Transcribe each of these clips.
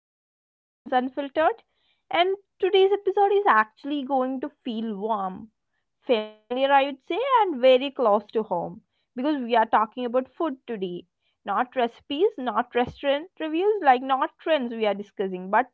episode of Cousins Unfiltered. And today's episode is actually going to feel warm, familiar, I would say, and very close to home because we are talking about food today. Not recipes, not restaurant reviews, like not trends we are discussing, but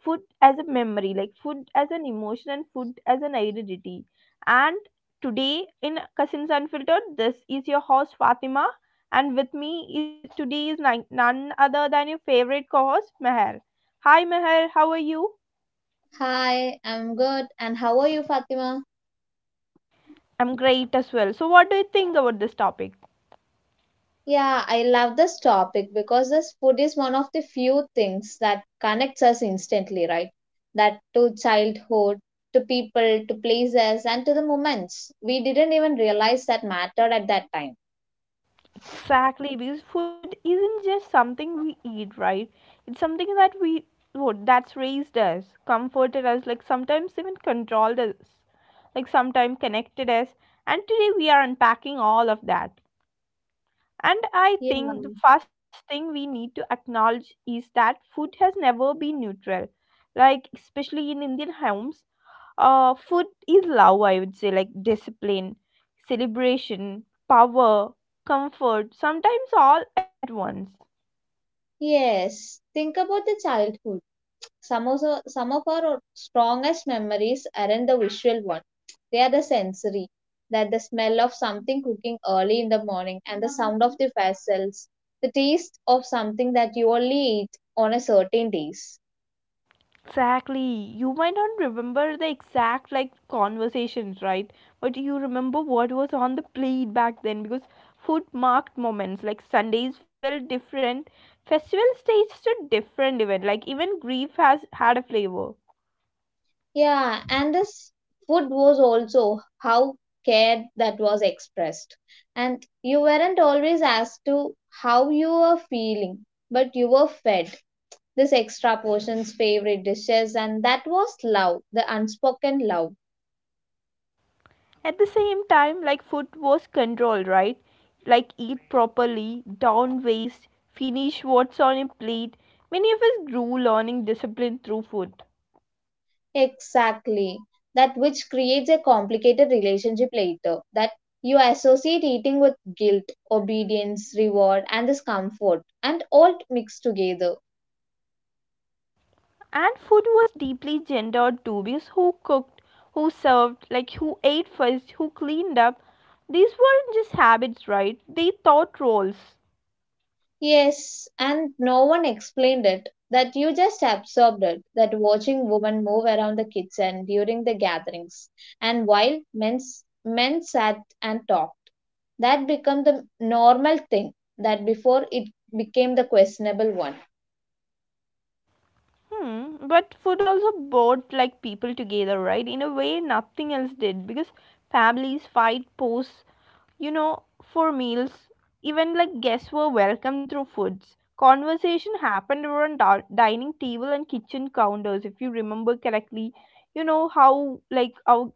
food as a memory, like food as an emotion and food as an identity. And today in Cousins Unfiltered, this is your host Fatima and with me is, today is none other than your favorite co host, Meher. Hi, Meher, how are you? Hi, I'm good. And how are you, Fatima? I'm great as well. So, what do you think about this topic? Yeah, I love this topic because this food is one of the few things that connects us instantly, right? That to childhood, to people, to places, and to the moments we didn't even realize that mattered at that time. Exactly, because food isn't just something we eat, right? It's something that we what that's raised us, comforted us, like sometimes even controlled us, like sometimes connected us. And today we are unpacking all of that. And I Yeah. think the first thing we need to acknowledge is that food has never been neutral. Like, especially in Indian homes, food is love, I would say, like discipline, celebration, power, comfort, sometimes all at once. Yes, think about the childhood. Some of our strongest memories aren't the visual one. They are the sensory, that the smell of something cooking early in the morning and the sound of the vessels, the taste of something that you only eat on a certain days. Exactly. You might not remember the exact like conversations, right? But you remember what was on the plate back then because food marked moments. Like Sundays felt different. Festival staged a different event. Like even grief has had a flavor. Yeah, and this food was also how care that was expressed. And you weren't always asked to how you were feeling, but you were fed this extra portion's favorite dishes, and that was love, the unspoken love. At the same time, like food was controlled, right? Like eat properly, don't waste, finish what's on your plate. Many of us grew learning discipline through food. Exactly. That which creates a complicated relationship later. That you associate eating with guilt, obedience, reward, and discomfort, and all mixed together. And food was deeply gendered too because who cooked, who served, like who ate first, who cleaned up. These weren't just habits, right? They taught roles. Yes, and no one explained it, that you just absorbed it, that watching women move around the kitchen during the gatherings, and while men sat and talked. That became the normal thing, that before it became the questionable one. Hmm, but food also brought like people together, right? In a way nothing else did because families fight posts, you know, for meals. Even like guests were welcome through foods. Conversation happened around dining table and kitchen counters, if you remember correctly. You know how like our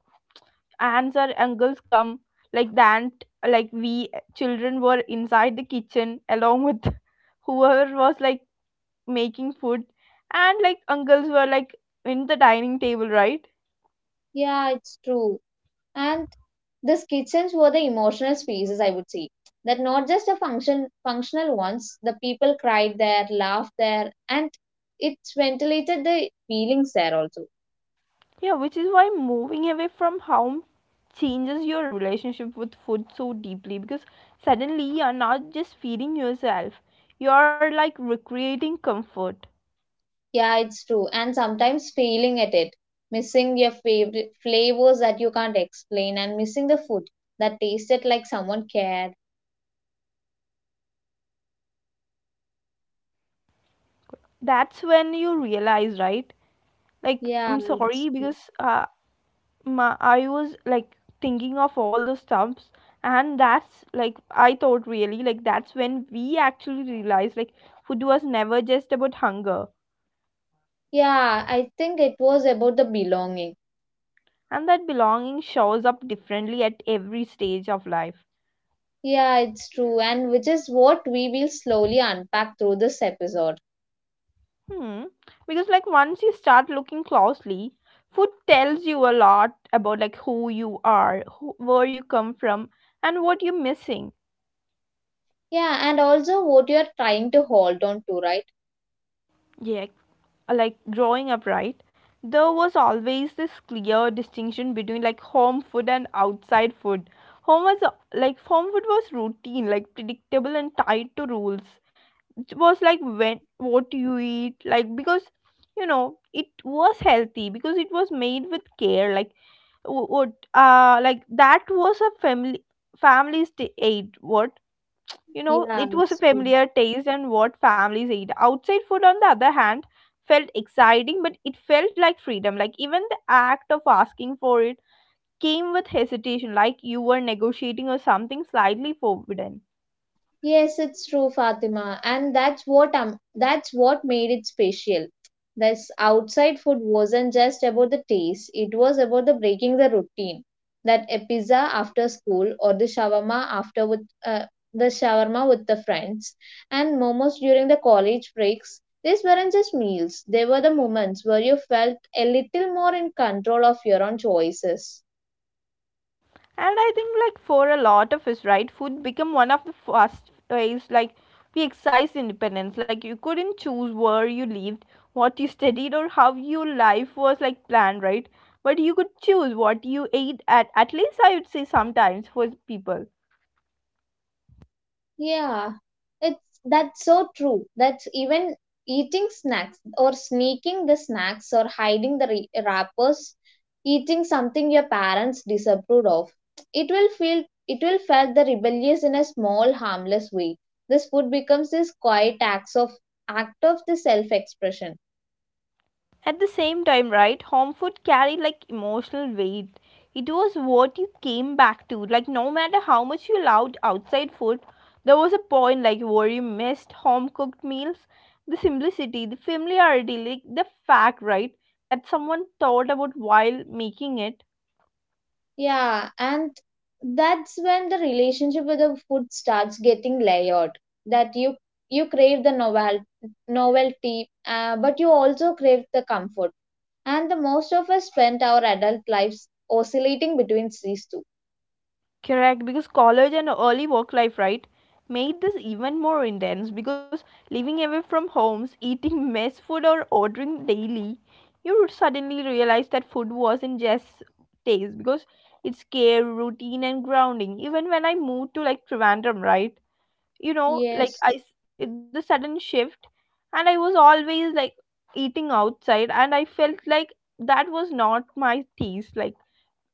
aunts or uncles come like the aunt like we children were inside the kitchen along with whoever was like making food and like uncles were like in the dining table, right? Yeah, it's true. And these kitchens were the emotional spaces, I would say. That not just the functional ones, the people cried there, laughed there, and it ventilated the feelings there also. Yeah, which is why moving away from home changes your relationship with food so deeply because suddenly you're not just feeding yourself, you're like recreating comfort. Yeah, it's true. And sometimes failing at it, missing your favorite flavors that you can't explain, and missing the food that tasted like someone cared. That's when you realize, right? Like Yeah, I'm it's sorry true. because my, I was like thinking of all the stuffs, and that's like I thought really like that's when we actually realized like food was never just about hunger, Yeah, I think it was about the belonging. and that belonging shows up differently at every stage of life. Yeah, it's true. And which is what we will slowly unpack through this episode. Hmm. Because like once you start looking closely, food tells you a lot about like who you are, who, where you come from, and what you're missing. Yeah, and also what you're trying to hold on to, right? Yeah, like growing up, right? There was always this clear distinction between like home food and outside food. Home was like home food was routine, like predictable and tied to rules. It was like when what you eat, like because you know it was healthy because it was made with care. Like wh- what like that was a family's aid. What, you know, Yeah, it was a it's true. familiar taste and what families ate. Outside food, on the other hand, felt exciting, but it felt like freedom. Like even the act of asking for it came with hesitation, like you were negotiating or something slightly forbidden. Yes, it's true, Fatima, and that's what made it special. This outside food wasn't just about the taste; it was about the breaking the routine. That a pizza after school, or the shawarma with the friends, and momos during the college breaks. These weren't just meals; they were the moments where you felt a little more in control of your own choices. And I think like for a lot of us, right, food become one of the first ways like we exercise independence. Like you couldn't choose where you lived, what you studied or how your life was like planned, right? But you could choose what you ate, at least I would say sometimes for people. Yeah, it's that's so true. That's even eating snacks or sneaking the snacks or hiding the wrappers, eating something your parents disapproved of. It will felt the rebellious in a small harmless way. This food becomes this quiet act of the self expression. At the same time, right, home food carried like emotional weight. It was what you came back to. Like no matter how much you loved outside food, there was a point like where you missed home cooked meals. The simplicity, the familiarity, like the fact, right, that someone thought about while making it. Yeah, and that's when the relationship with the food starts getting layered. That you crave the novelty, but you also crave the comfort. And the most of us spend our adult lives oscillating between these two. Correct, because college and early work life, right, made this even more intense because living away from homes, eating mess food or ordering daily, you would suddenly realize that food wasn't just taste because it's care, routine and grounding. Even when I moved to like Trivandrum, right? You know, Yes. like the sudden shift and I was always like eating outside and I felt like that was not my taste. Like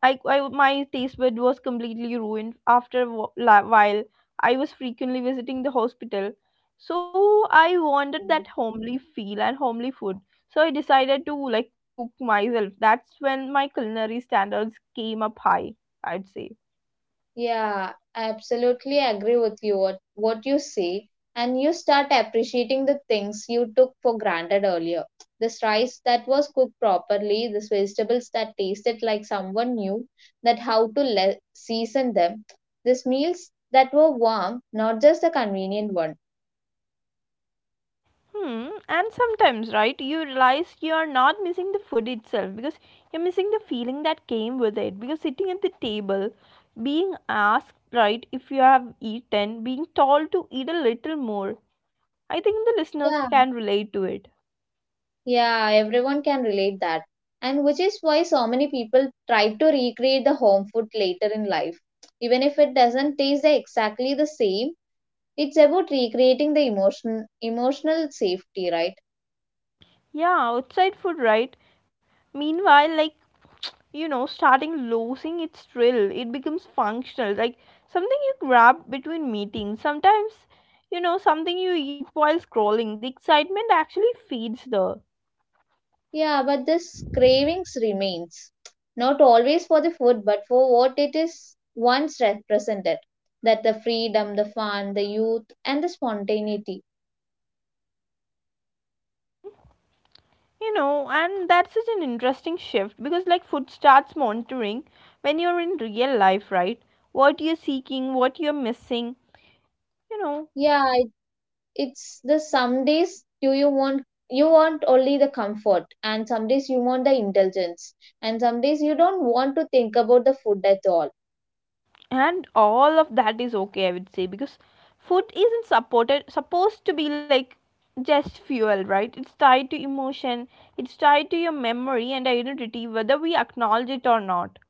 I my taste bud was completely ruined after a while. I was frequently visiting the hospital, so I wanted that homely feel and homely food. So I decided to like cook myself. That's when my culinary standards came up high. I'd say. Yeah, I absolutely agree with you what you say. And you start appreciating the things you took for granted earlier. This rice that was cooked properly, these vegetables that tasted like someone knew that how to season them, these meals that were warm, not just the convenient one. Hmm. And sometimes, right, you realize you are not missing the food itself because you're missing the feeling that came with it. Because sitting at the table, being asked, right, if you have eaten, being told to eat a little more. I think the listeners Yeah, can relate to it. yeah, everyone can relate that. And which is why so many people try to recreate the home food later in life. Even if it doesn't taste exactly the same, it's about recreating the emotional safety, right? Yeah, outside food, right? Meanwhile, like, you know, starting losing its thrill, it becomes functional, like something you grab between meetings. Sometimes, you know, something you eat while scrolling. The excitement actually feeds the, Yeah, but this cravings remains, not always for the food, but for what it is once represented. That the freedom, the fun, the youth, and the spontaneity. you know, and that's such an interesting shift because, like, food starts monitoring when you're in real life, right? What you're seeking, what you're missing, you know, Yeah, it, it's the some days do you want only the comfort, and some days you want the indulgence, and some days you don't want to think about the food at all. and all of that is okay, I would say, because food isn't supported supposed to be like just fuel, right? It's tied to emotion, it's tied to your memory and identity, whether we acknowledge it or not.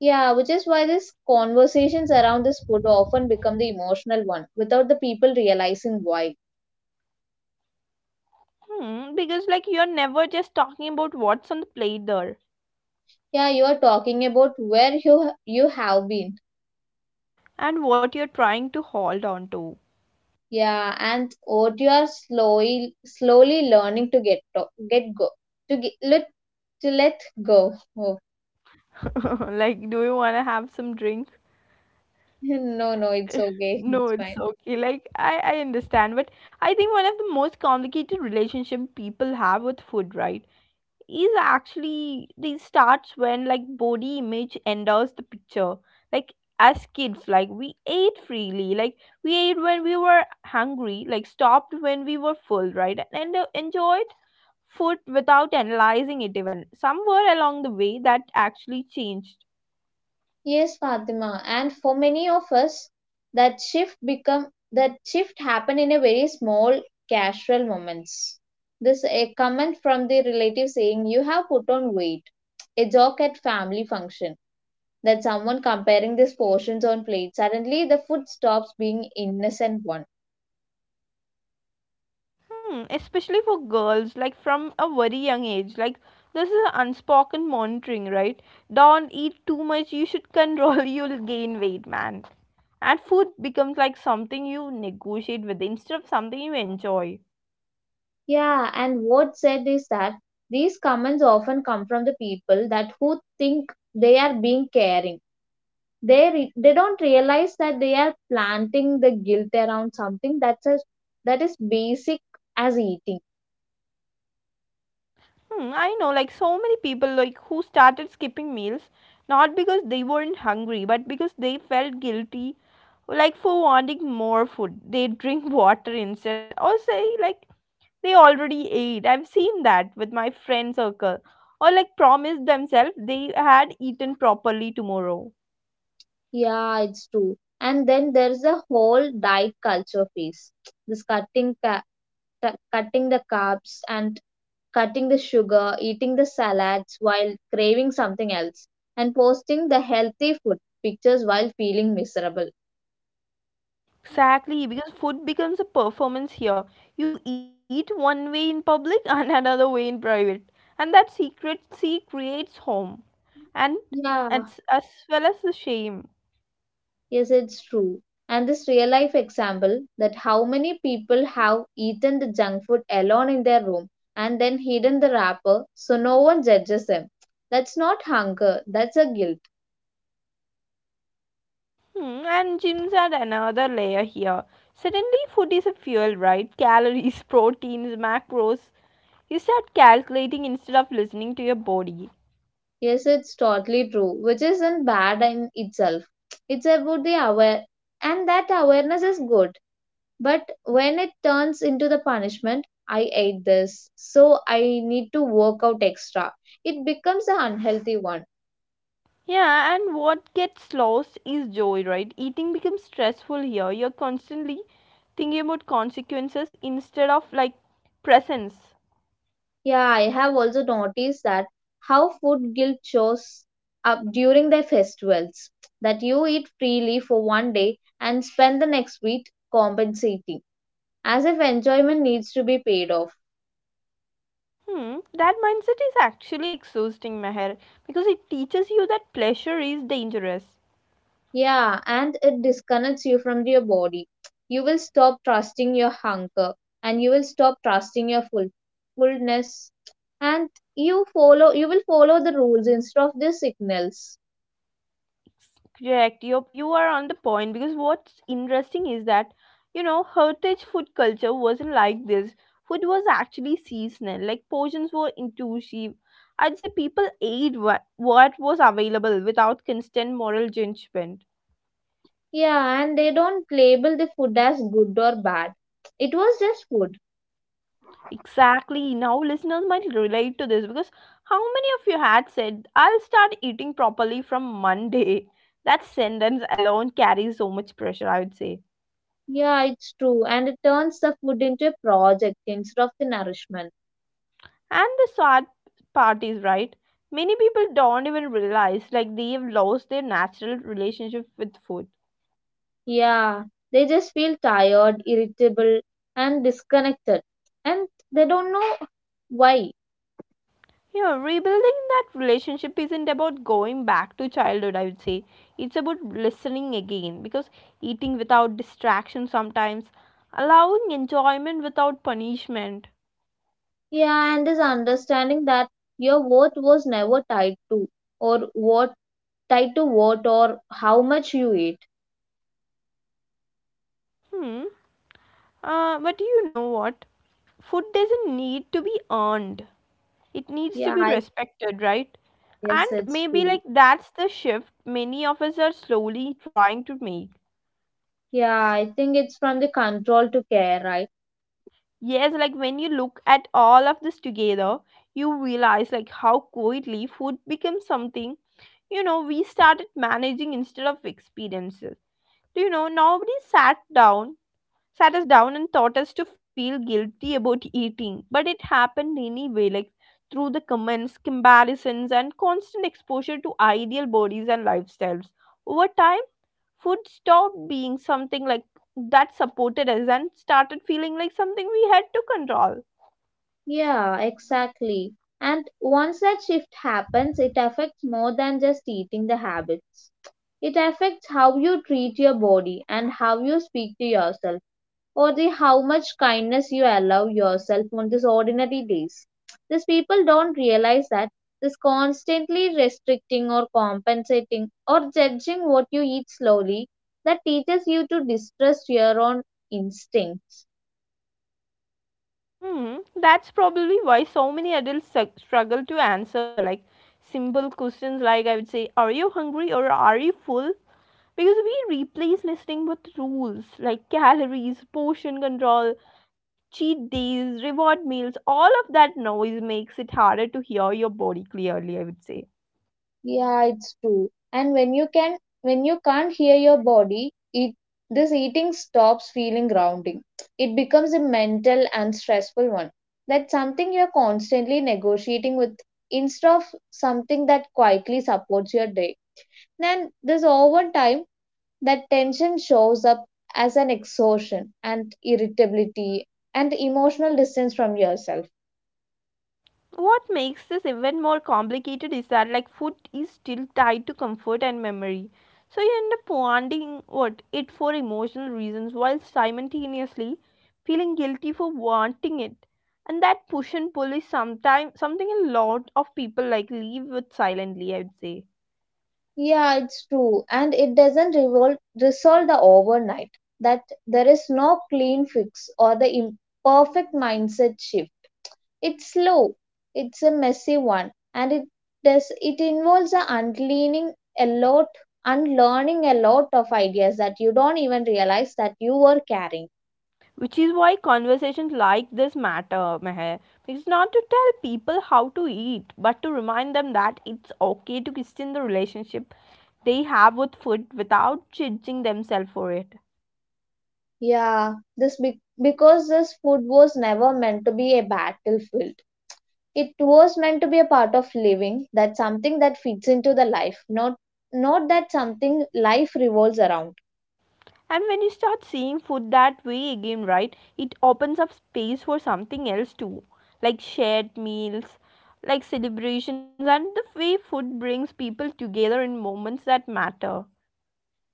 Yeah, which is why these conversations around this food often become the emotional one without the people realizing why. Hmm, because like you're never just talking about what's on the plate there Yeah, you are talking about where you have been. and what you're trying to hold on to. Yeah, and what you are slowly learning to, get go to get, let to let go. Oh, Like do you want to have some drink? no, no, it's okay, No, it's it's fine. okay, like I understand. But I think one of the most complicated relationship people have with food, right, is actually this starts when like body image enters the picture. Like as kids, like we ate freely, like we ate when we were hungry, like stopped when we were full, right? And enjoyed food without analyzing it, even somewhere along the way that actually changed. Yes, Fatima. And for many of us, that shift become that shift happened in a very small casual moments. This a comment from the relative saying you have put on weight. A joke at family function that someone comparing these portions on plate. Suddenly the food stops being innocent one. Hmm, especially for girls, like from a very young age, like this is unspoken monitoring, right? Don't eat too much, you should control, you'll gain weight, man. And food becomes like something you negotiate with instead of something you enjoy. Yeah, and what said is that these comments often come from the people that who think they are being caring. They don't realize that they are planting the guilt around something that is basic as eating. Hmm, I know like so many people like who started skipping meals not because they weren't hungry but because they felt guilty like for wanting more food. They drink water instead or say like they already ate. I've seen that with my friend circle or like promise themselves they had eaten properly tomorrow. Yeah, it's true. And then there's the whole diet culture phase, this cutting the carbs and cutting the sugar, eating the salads while craving something else, and posting the healthy food pictures while feeling miserable. Exactly, because food becomes a performance here. You eat one way in public and another way in private. And that secrecy creates harm and Yeah. as well as the shame. Yes, it's true. And this real life example that how many people have eaten the junk food alone in their room and then hidden the wrapper so no one judges them. That's not hunger, that's a guilt. Hmm, and gyms add another layer here. Suddenly, food is a fuel, right? Calories, proteins, macros. You start calculating instead of listening to your body. Yes, it's totally true, which isn't bad in itself. It's about the aware, and that awareness is good. But when it turns into the punishment, I ate this, so I need to work out extra, it becomes an unhealthy one. Yeah, and what gets lost is joy, right? Eating becomes stressful here. You're constantly thinking about consequences instead of like presence. Yeah, I have also noticed that how food guilt shows up during their festivals. That you eat freely for one day and spend the next week compensating, as if enjoyment needs to be paid off. Hmm, that mindset is actually exhausting, Meher, because it teaches you that pleasure is dangerous. Yeah, and it disconnects you from your body. You will stop trusting your hunger and you will stop trusting your fullness, and you will follow the rules instead of the signals. Correct. You are on the point because what's interesting is that, you know, heritage food culture wasn't like this. Food was actually seasonal. Like portions were inclusive. I'd say people ate what was available without constant moral judgment. Yeah, and they don't label the food as good or bad. It was just food. Exactly. Now listeners might relate to this because how many of you had said, "I'll start eating properly from Monday"? That sentence alone carries so much pressure. I would say. Yeah, it's true. And it turns the food into a project instead of the nourishment. And the sad part is right, many people don't even realize like they've lost their natural relationship with food. Yeah, they just feel tired, irritable, and disconnected. And they don't know why. You know, rebuilding that relationship isn't about going back to childhood, I would say. It's about listening again because eating without distraction sometimes, allowing enjoyment without punishment. Yeah, and this understanding that your worth was never or what tied to what or how much you eat. Hmm. But you know what? Food doesn't need to be earned. It needs to Yeah, be I respected, right? guess And it's maybe true. like that's the shift many of us are slowly trying to make. Yeah, I think it's from the control to care, right? Yes, like when you look at all of this together you realize like how quietly food becomes something, you know, we started managing instead of experiences. You know, nobody down sat us down and taught us to feel guilty about eating. But it happened anyway, like through the comments, comparisons, and constant exposure to ideal bodies and lifestyles. Over time, food stopped being something like that supported us and started feeling like something we had to control. Yeah, exactly. And once that shift happens, it affects more than just eating the habits. It affects how you treat your body and how you speak to yourself, or the how much kindness you allow yourself on these ordinary days. These people don't realize that this constantly restricting or compensating or judging what you eat slowly that teaches you to distrust your own instincts. Hmm, that's probably why so many adults struggle to answer like simple questions like I would say, are you hungry or are you full? Because we replace listening with rules like calories, portion control, cheat days, reward meals, all of that noise makes it harder to hear your body clearly, I would say. Yeah, it's true. And when you can't hear your body, it this eating stops feeling grounding. It becomes a mental and stressful one. That's something you're constantly negotiating with instead of something that quietly supports your day. Then this over time that tension shows up as an exhaustion and irritability and emotional distance from yourself. What makes this even more complicated is that food is still tied to comfort and memory. So you end up wanting what it for emotional reasons while simultaneously feeling guilty for wanting it. And that push and pull is sometimes something a lot of people live with silently, I would say. Yeah, it's true. And it doesn't resolve the overnight, that there is no clean fix or the imperfect mindset shift. It's slow, it's a messy one, and it does it involves a unlearning a lot of ideas that you don't even realize that you were carrying. Which is why conversations like this matter, Meher. It's not to tell people how to eat, but to remind them that it's okay to question the relationship they have with food without judging themselves for it. Yeah, this because this food was never meant to be a battlefield. It was meant to be a part of living, that something that fits into the life, not that something life revolves around. And when you start seeing food that way again, right, it opens up space for something else too, like shared meals, like celebrations, and the way food brings people together in moments that matter.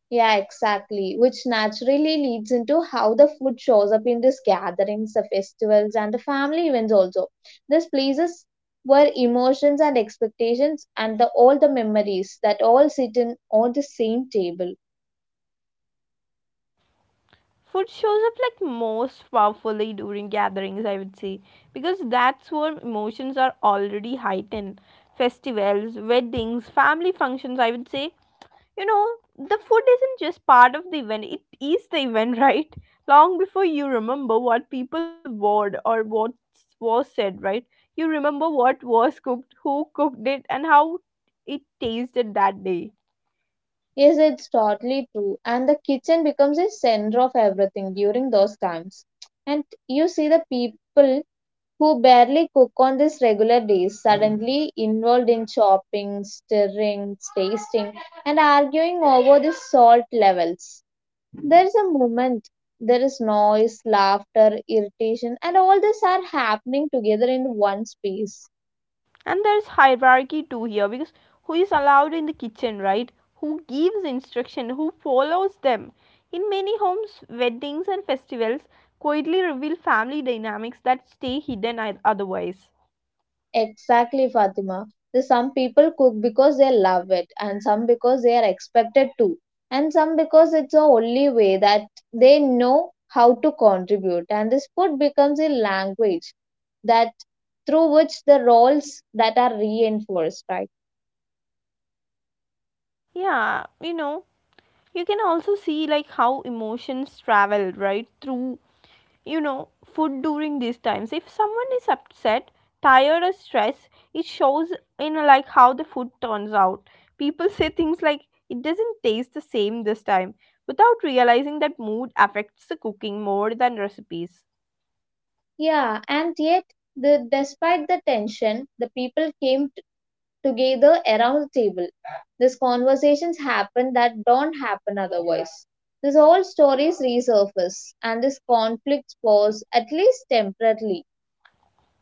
Yeah, exactly. Which naturally leads into how the food shows up in these gatherings, the festivals, and the family events also. These places where emotions and expectations all the memories that all sit in on the same table. Food shows up most powerfully during gatherings, I would say, because that's where emotions are already heightened. Festivals, weddings, family functions, I would say, you know the food isn't just part of the event, it is the event right? Long before you remember what people wore or what was said, right, you remember what was cooked, who cooked it, and how it tasted that day. Yes, it's totally true. And the kitchen becomes a center of everything during those times. And you see the people who barely cook on these regular days, suddenly involved in chopping, stirring, tasting, and arguing over the salt levels. There is a moment, there is noise, laughter, irritation, and all this are happening together in one space. And there's hierarchy too here, because who is allowed in the kitchen, right, who gives instruction, who follows them. In many homes weddings and festivals quietly reveal family dynamics that stay hidden otherwise. Exactly, Fatima. The some people cook because they love it, and some because they are expected to, and some because it's the only way that they know how to contribute. And this food becomes a language that through which the roles that are reinforced, right? Yeah, you can also see how emotions travel right through, food during these times. If someone is upset, tired, or stressed, it shows in how the food turns out. People say things like, it doesn't taste the same this time, without realizing that mood affects the cooking more than recipes. Yeah, and yet the despite the tension, the people came together around the table. These conversations happen that don't happen otherwise. These old stories resurface and these conflicts pause at least temporarily.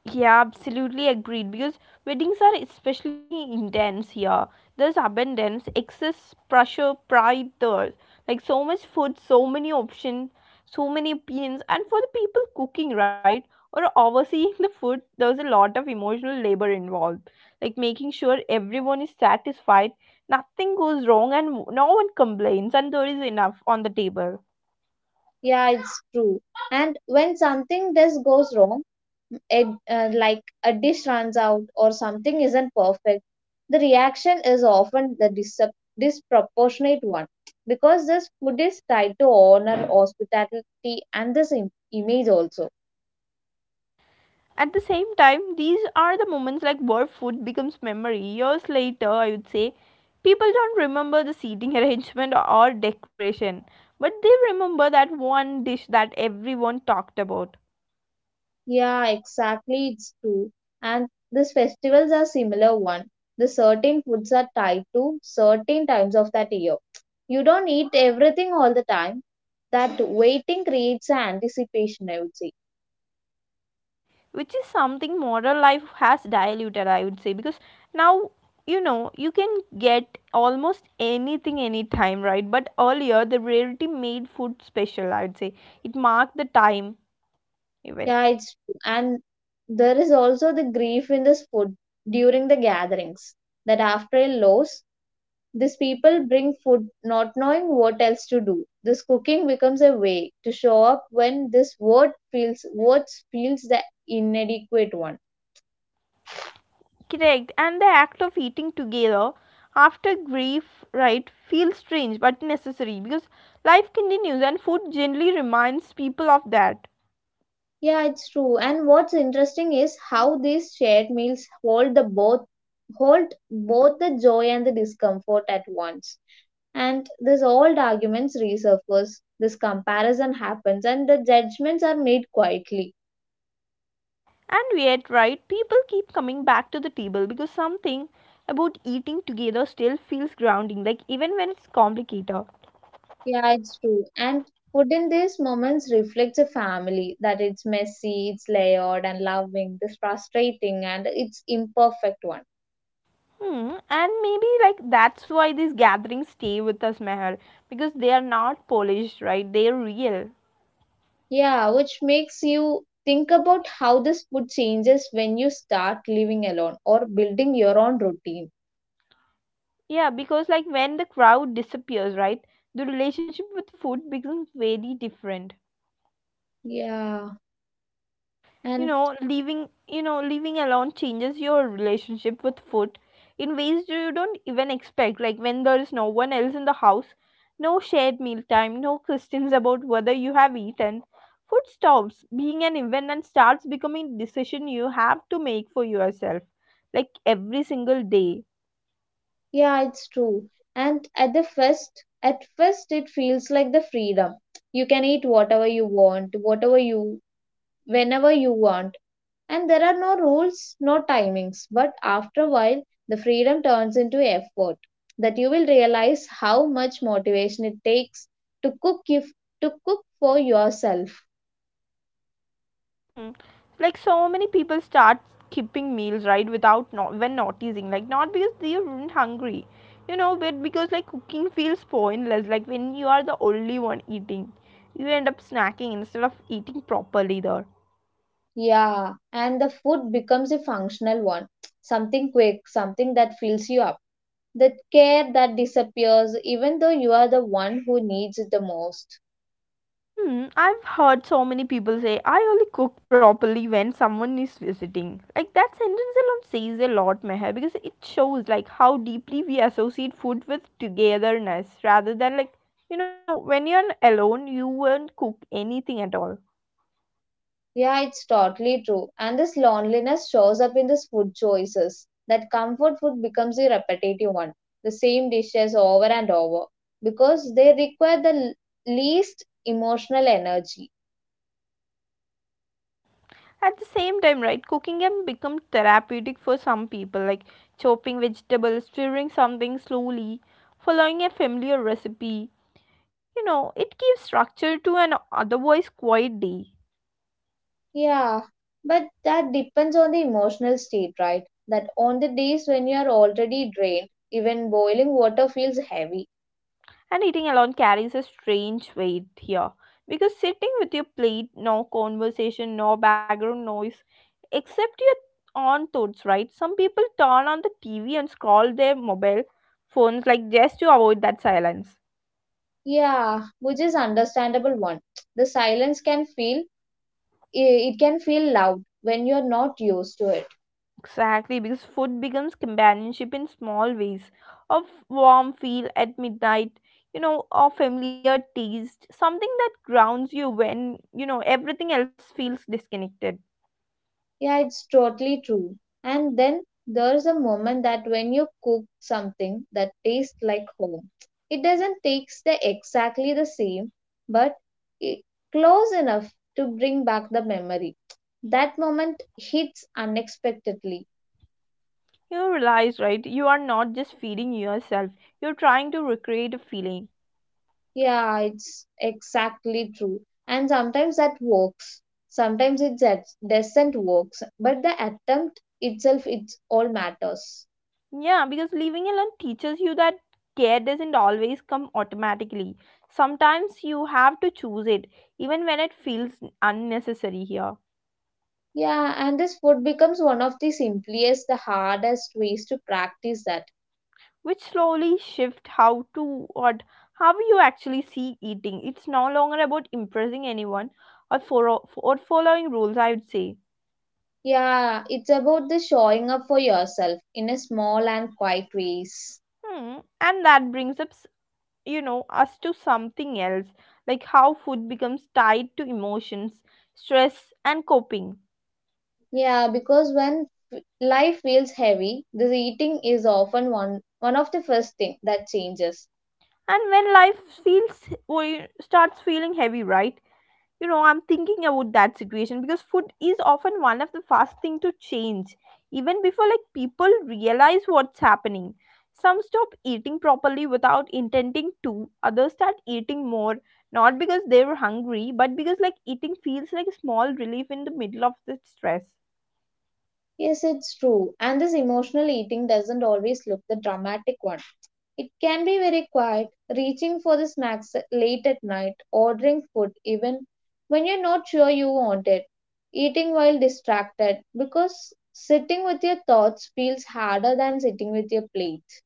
Yeah, absolutely agreed. Because weddings are especially intense here. There's abundance, excess pressure, pride, there. Like so much food, so many options, so many opinions. And for the people cooking, right, or overseeing the food, there's a lot of emotional labor involved. Like making sure everyone is satisfied, nothing goes wrong, and no one complains, and there is enough on the table. Yeah, it's true. And when something does goes wrong, it, like a dish runs out or something isn't perfect, the reaction is often the disproportionate one because this food is tied to honor, hospitality, and this image also. At the same time, these are the moments where food becomes memory. Years later, I would say, people don't remember the seating arrangement or decoration, but they remember that one dish that everyone talked about, Yeah, exactly. It's true. And these festivals are similar one. The certain foods are tied to certain times of that year. You don't eat everything all the time. That waiting creates an anticipation, I would say. which is something modern life has diluted, I would say, because now, you can get almost anything anytime, right? But earlier, the rarity made food special, I would say. It marked the time even. Yeah, it's true. And there is also the grief in this food during the gatherings that after a loss, these people bring food not knowing what else to do. This cooking becomes a way to show up when this words feels the inadequate one. Correct. And the act of eating together after grief, right, feels strange but necessary because life continues and food generally reminds people of that. Yeah, it's true. And what's interesting is how these shared meals hold both the joy and the discomfort at once. And this old arguments resurface, this comparison happens, and the judgments are made quietly. And yet, right, people keep coming back to the table because something about eating together still feels grounding, like even when it's complicated. Yeah, it's true. And food in these moments reflects a family that it's messy, it's layered and loving, this frustrating and it's imperfect one. Hmm, and maybe that's why these gatherings stay with us, Meher, because they are not polished, right? They are real. Yeah, which makes you think about how this food changes when you start living alone or building your own routine. Yeah, because when the crowd disappears, right, the relationship with food becomes very different. Yeah, You and know, living, you know, living alone changes your relationship with food in ways you don't even expect. Like when there is no one else in the house, no shared meal time, no questions about whether you have eaten. Food stops being an event and starts becoming a decision you have to make for yourself, like every single day. yeah, it's true. And at first, it feels like the freedom. You can eat whatever you want, whenever you want and there are no rules, no timings. But after a while, the freedom turns into effort that you will realize how much motivation it takes to cook if, to cook for yourself. Hmm. Like so many people start skipping meals, right, without noticing, not because they aren't hungry, but because cooking feels pointless, when you are the only one eating, you end up snacking instead of eating properly there. Yeah, and the food becomes a functional one, something quick, something that fills you up. The care that disappears even though you are the one who needs it the most. Hmm, I've heard so many people say, I only cook properly when someone is visiting. Like that sentence alone says a lot, Meher, because it shows how deeply we associate food with togetherness rather than when you're alone, you won't cook anything at all. Yeah, it's totally true. And this loneliness shows up in these food choices. That comfort food becomes a repetitive one, the same dishes over and over, because they require the least emotional energy. At the same time, right, cooking can become therapeutic for some people, like chopping vegetables, stirring something slowly, following a familiar recipe. You know, it gives structure to an otherwise quiet day. Yeah, but that depends on the emotional state, right? That on the days when you are already drained, even boiling water feels heavy. And eating alone carries a strange weight here because sitting with your plate, no conversation, no background noise, except your own thoughts, right? Some people turn on the TV and scroll their mobile phones just to avoid that silence. Yeah, which is understandable one. The it can feel loud when you are not used to it. Exactly, because food becomes companionship in small ways. A warm feel at midnight, you know, a familiar taste, something that grounds you when, you know, everything else feels disconnected. Yeah, it's totally true. And then there's a moment that when you cook something that tastes like home, it doesn't taste the exactly the same, but it close enough to bring back the memory. That moment hits unexpectedly. You realize, right? You are not just feeding yourself, you're trying to recreate a feeling. Yeah, it's exactly true. And sometimes that works. Sometimes doesn't work. But the attempt itself, it's all matters. Yeah, because living alone teaches you that care doesn't always come automatically. Sometimes you have to choose it, even when it feels unnecessary here. Yeah, and this food becomes one of the simplest, the hardest ways to practice that. Which slowly shift how to what how you actually see eating. It's no longer about impressing anyone or for or following rules, I would say. Yeah, it's about the showing up for yourself in a small and quiet ways. Hmm. And that brings you know, us to something else, like how food becomes tied to emotions, stress, and coping. Yeah, because when life feels heavy, this eating is often one of the first thing that changes. And when life feels, well, starts feeling heavy, right? You know, I'm thinking about that situation because food is often one of the first thing to change, even before people realize what's happening. Some stop eating properly without intending to, others start eating more, not because they were hungry, but because eating feels like a small relief in the middle of the stress. Yes, it's true. And this emotional eating doesn't always look the dramatic one. It can be very quiet, reaching for the snacks late at night, ordering food even when you're not sure you want it, eating while distracted because sitting with your thoughts feels harder than sitting with your plate.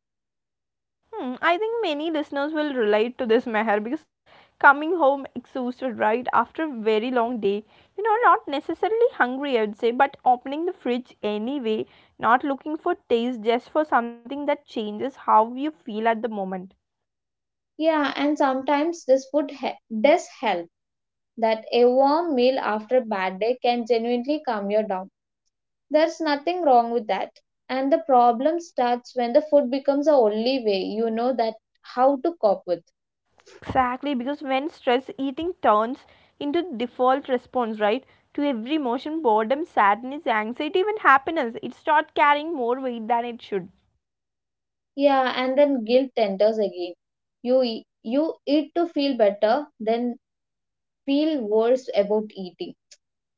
Hmm, I think many listeners will relate to this, Meher, because coming home exhausted, right, after a very long day, you know, not necessarily hungry, I would say, but opening the fridge anyway, not looking for taste, just for something that changes how you feel at the moment. Yeah, and sometimes this does help that a warm meal after a bad day can genuinely calm you down. There's nothing wrong with that. And the problem starts when the food becomes the only way you know that how to cope with. Exactly, because when stress eating turns into default response, right, to every emotion, boredom, sadness, anxiety, even happiness, it starts carrying more weight than it should. Yeah, and then guilt enters again. You eat to feel better, then feel worse about eating.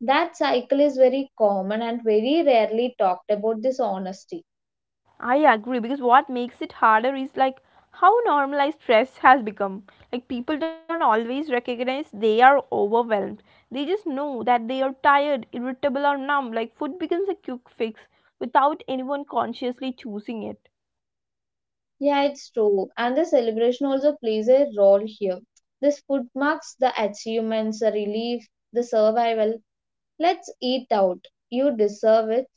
That cycle is very common and very rarely talked about this honesty. I agree, because what makes it harder is how normalized stress has become. Like people don't always recognize they are overwhelmed. They just know that they are tired, irritable, or numb. Like food becomes a quick fix without anyone consciously choosing it. Yeah, it's true. And the celebration also plays a role here. This food marks the achievements, the relief, the survival. Let's eat out. You deserve it.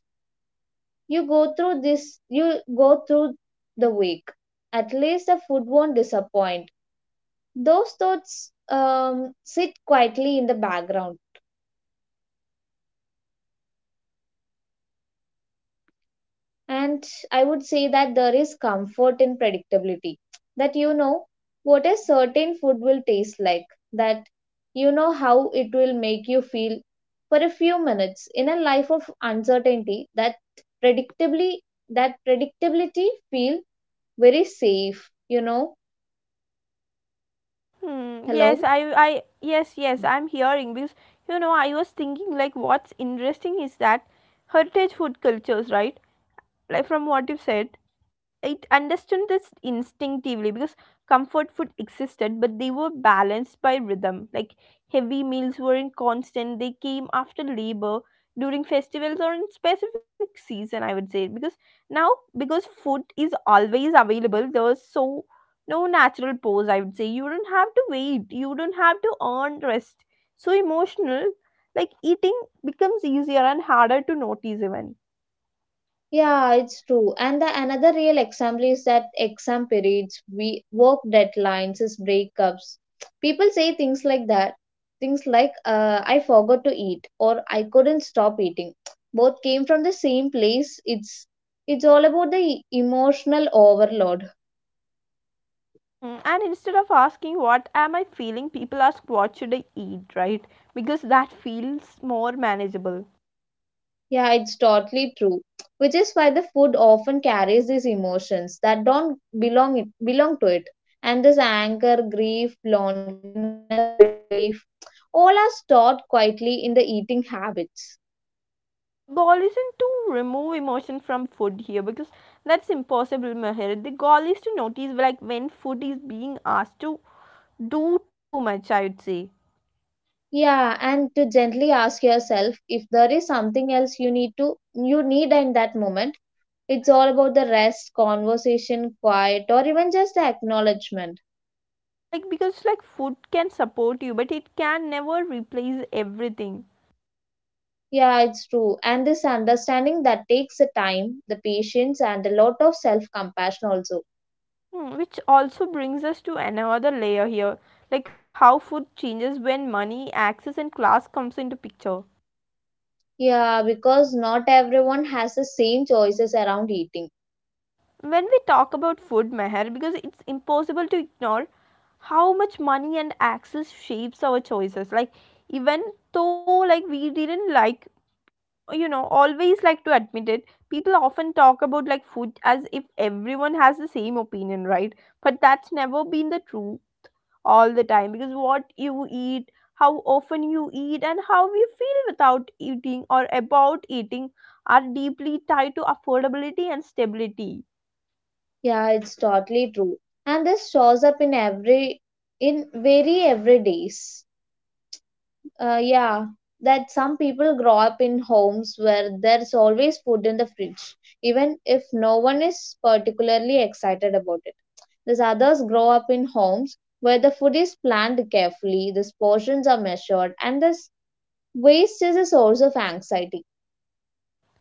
You go through the week. At least the food won't disappoint. Those thoughts sit quietly in the background. And I would say that there is comfort in predictability, that you know what a certain food will taste like, that you know how it will make you feel for a few minutes in a life of uncertainty, predictably that predictability feel very safe, you know. Hmm, yes, Hello. Yes, yes, I'm hearing because I was thinking what's interesting is that heritage food cultures, right? Like from what you said, I understood this instinctively because comfort food existed, but they were balanced by rhythm. Like heavy meals weren't constant; they came after labor, during festivals, or in specific season, I would say, because now, because food is always available, there's no natural pause, I would say. You don't have to wait, you don't have to earn rest. So emotional, eating becomes easier and harder to notice even. Yeah, it's true. And the another real example is that exam periods, we work deadlines, is breakups. People say things like that. Things like I forgot to eat or I couldn't stop eating. Both came from the same place. It's all about the emotional overload. Mm, and instead of asking, what am I feeling, people ask, what should I eat, right? Because that feels more manageable. Yeah, it's totally true. Which is why the food often carries these emotions that don't belong it, belong to it. And this anger, grief, loneliness, relief, all are stored quietly in the eating habits. Goal isn't to remove emotion from food here because that's impossible, Mahir. The goal is to notice when food is being asked to do too much, I would say. Yeah, and to gently ask yourself if there is something else you need in that moment. It's all about the rest, conversation, quiet, or even just the acknowledgement. Because food can support you but it can never replace everything. Yeah, it's true. And this understanding that takes the time, the patience, and a lot of self compassion also. Hmm, which also brings us to another layer here, like how food changes when money, access and class comes into picture. Yeah, because not everyone has the same choices around eating. When we talk about food, Meher, because it's impossible to ignore how much money and access shapes our choices, like even though like we didn't like you know always like to admit it, people often talk about food as if everyone has the same opinion, right? But that's never been the true all the time, because what you eat, how often you eat, and how you feel without eating or about eating are deeply tied to affordability and stability. Yeah, it's totally true. And this shows up in very every days. Uh, yeah, that some people grow up in homes where there's always food in the fridge, even if no one is particularly excited about it. These others grow up in homes where the food is planned carefully, the portions are measured, and this waste is a source of anxiety.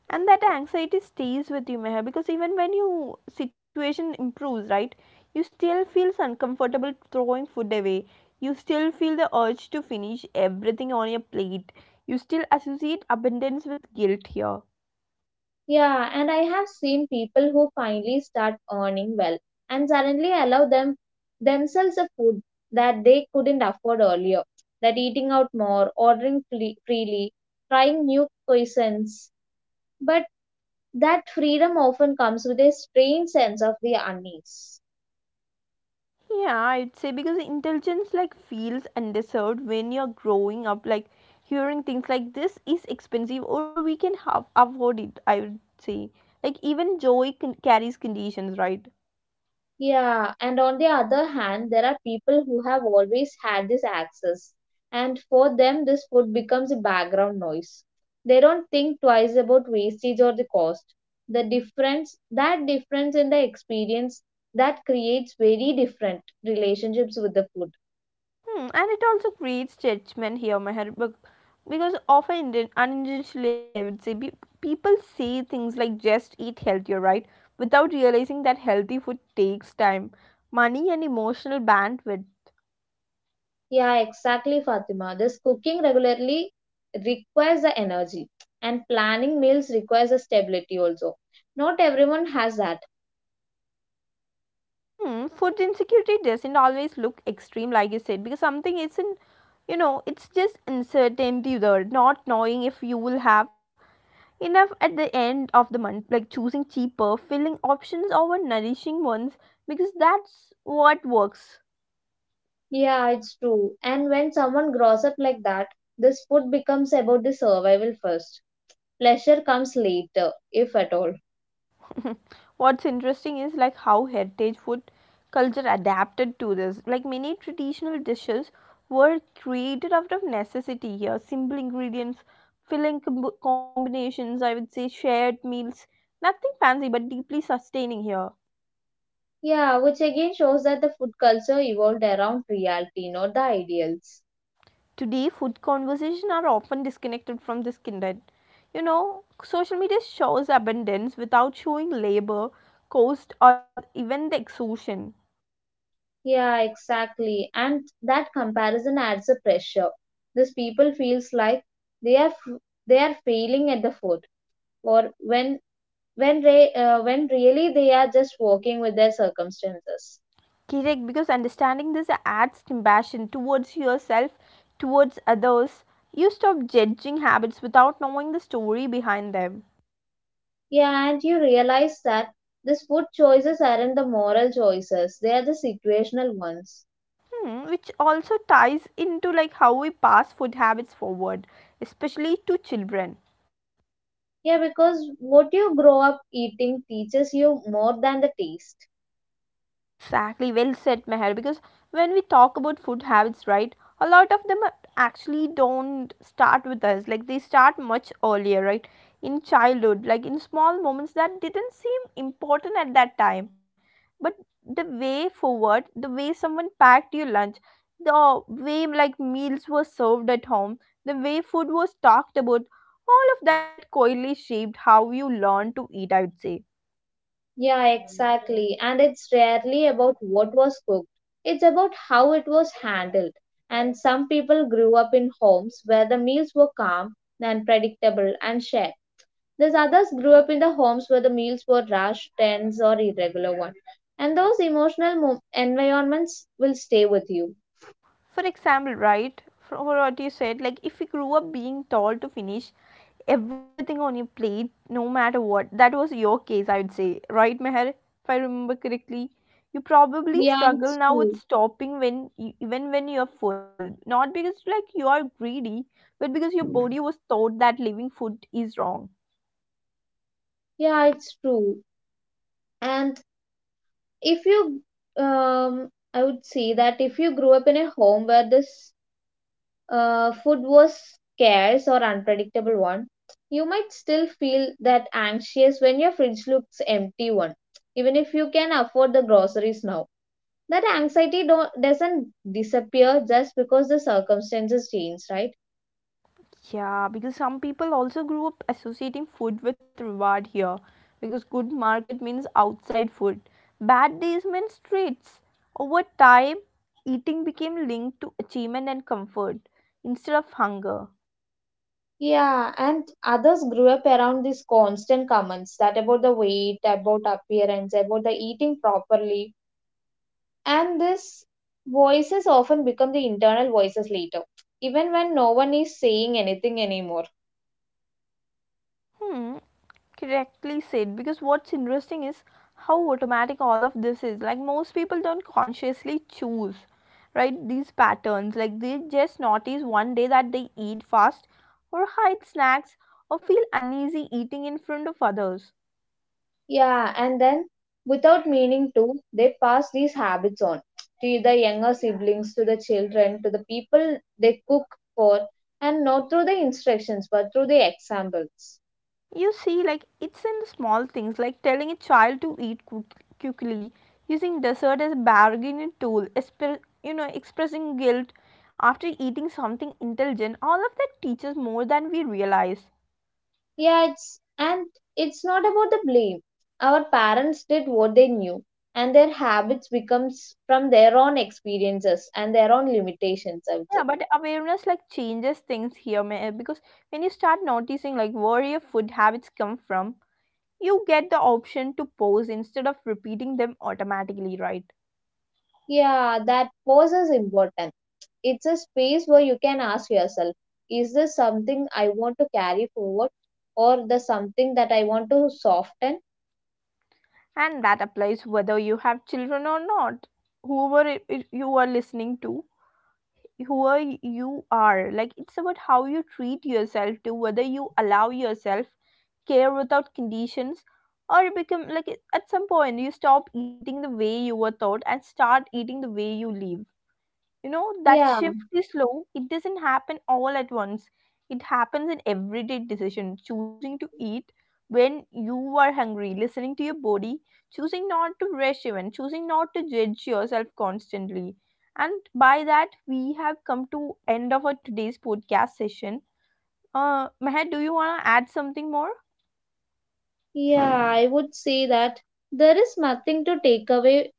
And that anxiety stays with you, Meher, because even when your situation improves, right, you still feel uncomfortable throwing food away, you still feel the urge to finish everything on your plate, you still associate abundance with guilt here. Yeah, and I have seen people who finally start earning well and suddenly allow them themselves a food that they couldn't afford earlier. That eating out more, freely, trying new cuisines. But that freedom often comes with a strange sense of the unease. Yeah, I'd say because intelligence feels undeserved when you're growing up, hearing things like, this is expensive, or we can have afford it, I would say. Even joy carries conditions, right? Yeah, and on the other hand, there are people who have always had this access, and for them, this food becomes a background noise. They don't think twice about wastage or the cost. That difference in the experience, that creates very different relationships with the food. Hmm, and it also creates judgment here, Meher, because often unintentionally, I would say, people say things like, just eat healthier, right? Without realizing that healthy food takes time, money, and emotional bandwidth. Yeah, exactly, Fatima. This cooking regularly requires the energy, and planning meals requires the stability also. Not everyone has that. Hmm, food insecurity doesn't always look extreme, like you said, because something isn't, you know, it's just uncertainty there, not knowing if you will have enough at the end of the month, like choosing cheaper filling options over nourishing ones because that's what works. Yeah, it's true. And when someone grows up like that, this food becomes about the survival first. Pleasure comes later, if at all. What's interesting is how heritage food culture adapted to this. Like many traditional dishes were created out of necessity here, simple ingredients, filling combinations, I would say, shared meals, nothing fancy but deeply sustaining here. Yeah, which again shows that the food culture evolved around reality, not the ideals. Today, food conversations are often disconnected from this kindred. You know, social media shows abundance without showing labor, cost, or even the exhaustion. Yeah, exactly. And that comparison adds a pressure. These people feels like they are failing at the food, or when really they are just walking with their circumstances. Correct, because understanding this adds compassion towards yourself, towards others. You stop judging habits without knowing the story behind them. Yeah, and you realize that these food choices aren't the moral choices, they are the situational ones. Hmm, which also ties into like how we pass food habits forward, especially to children. Yeah, because what you grow up eating teaches you more than the taste. Exactly, well said, Meher. Because when we talk about food habits, right, a lot of them are- actually don't start with us. Like they start much earlier, right, in childhood, like in small moments that didn't seem important at that time. But the way forward, the way someone packed your lunch, the way like meals were served at home, the way food was talked about, all of that quietly shaped how you learn to eat, I would say. Yeah, exactly. And it's rarely about what was cooked, it's about how it was handled. And some people grew up in homes where the meals were calm and predictable and shared. These others grew up in the homes where the meals were rushed, tense, or irregular ones. And those emotional environments will stay with you. For example, right, for what you said, like if you grew up being told to finish everything on your plate, no matter what, that was your case, I would say, right, Meher? If I remember correctly, you probably Yeah, struggle it's now with true. stopping even when you're full, not because like you are greedy, but because your body was taught that leaving food is wrong. Yeah, it's true. And if I would say that if you grew up in a home where this food was scarce or unpredictable one, you might still feel that anxious when your fridge looks empty one, even if you can afford the groceries now. That anxiety don't doesn't disappear just because the circumstances change, right? Yeah, because some people also grew up associating food with reward here. Because good market means outside food, bad days meant streets. Over time, eating became linked to achievement and comfort instead of hunger. Yeah, and others grew up around these constant comments that about the weight, about appearance, about the eating properly, and these voices often become the internal voices later, even when no one is saying anything anymore. Hmm, correctly said because what's interesting is how automatic all of this is, like most people don't consciously choose right these patterns, like they just notice one day that they eat fast or hide snacks or feel uneasy eating in front of others. Yeah, and then without meaning to, they pass these habits on to the younger siblings, to the children, to the people they cook for, and not through the instructions but through the examples. You see, like it's in the small things, like telling a child to eat quickly, using dessert as a bargaining tool, you know, expressing guilt after eating something intelligent, all of that teaches more than we realize. Yeah, it's and it's not about the blame. Our parents did what they knew, and their habits becomes from their own experiences and their own limitations, I would Yeah, say. but awareness like changes things here because when you start noticing like where your food habits come from, you get the option to pause instead of repeating them automatically, right? Yeah, that pause is important. It's a space where you can ask yourself, is this something I want to carry forward or the something that I want to soften? And that applies whether you have children or not. Whoever you are listening to, whoever you are, like it's about how you treat yourself, to whether you allow yourself care without conditions or become like at some point you stop eating the way you were taught and start eating the way you live. You know, that Yeah, shift is slow. It doesn't happen all at once. It happens in everyday decision, choosing to eat when you are hungry, listening to your body, choosing not to rush even, choosing not to judge yourself constantly. And by that, we have come to end of our today's podcast session. Meher, do you want to add something more? yeah, I would say that there is nothing to take away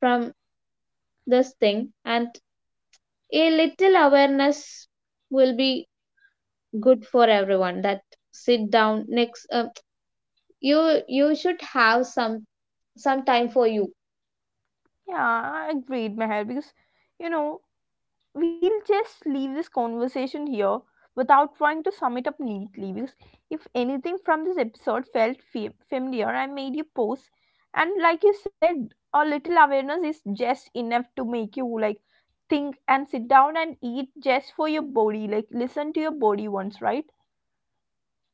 from this thing, and a little awareness will be good for everyone. That sit down next, you should have some time for you. Yeah, I agreed, Meher, because you know we'll just leave this conversation here without trying to sum it up neatly because if anything from this episode felt familiar, I made you pause, and like you said, a little awareness is just enough to make you like think and sit down and eat just for your body, like listen to your body once, right?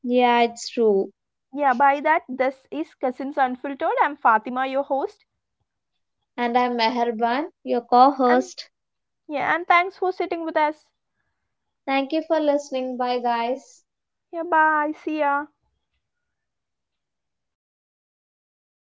Yeah, it's true. Yeah, by that, this is Cousins Unfiltered, I'm Fatima, your host, And I'm Meherban, your co and host. yeah, and thanks for sitting with us. Thank you for listening. Bye, guys. Yeah, bye, see ya.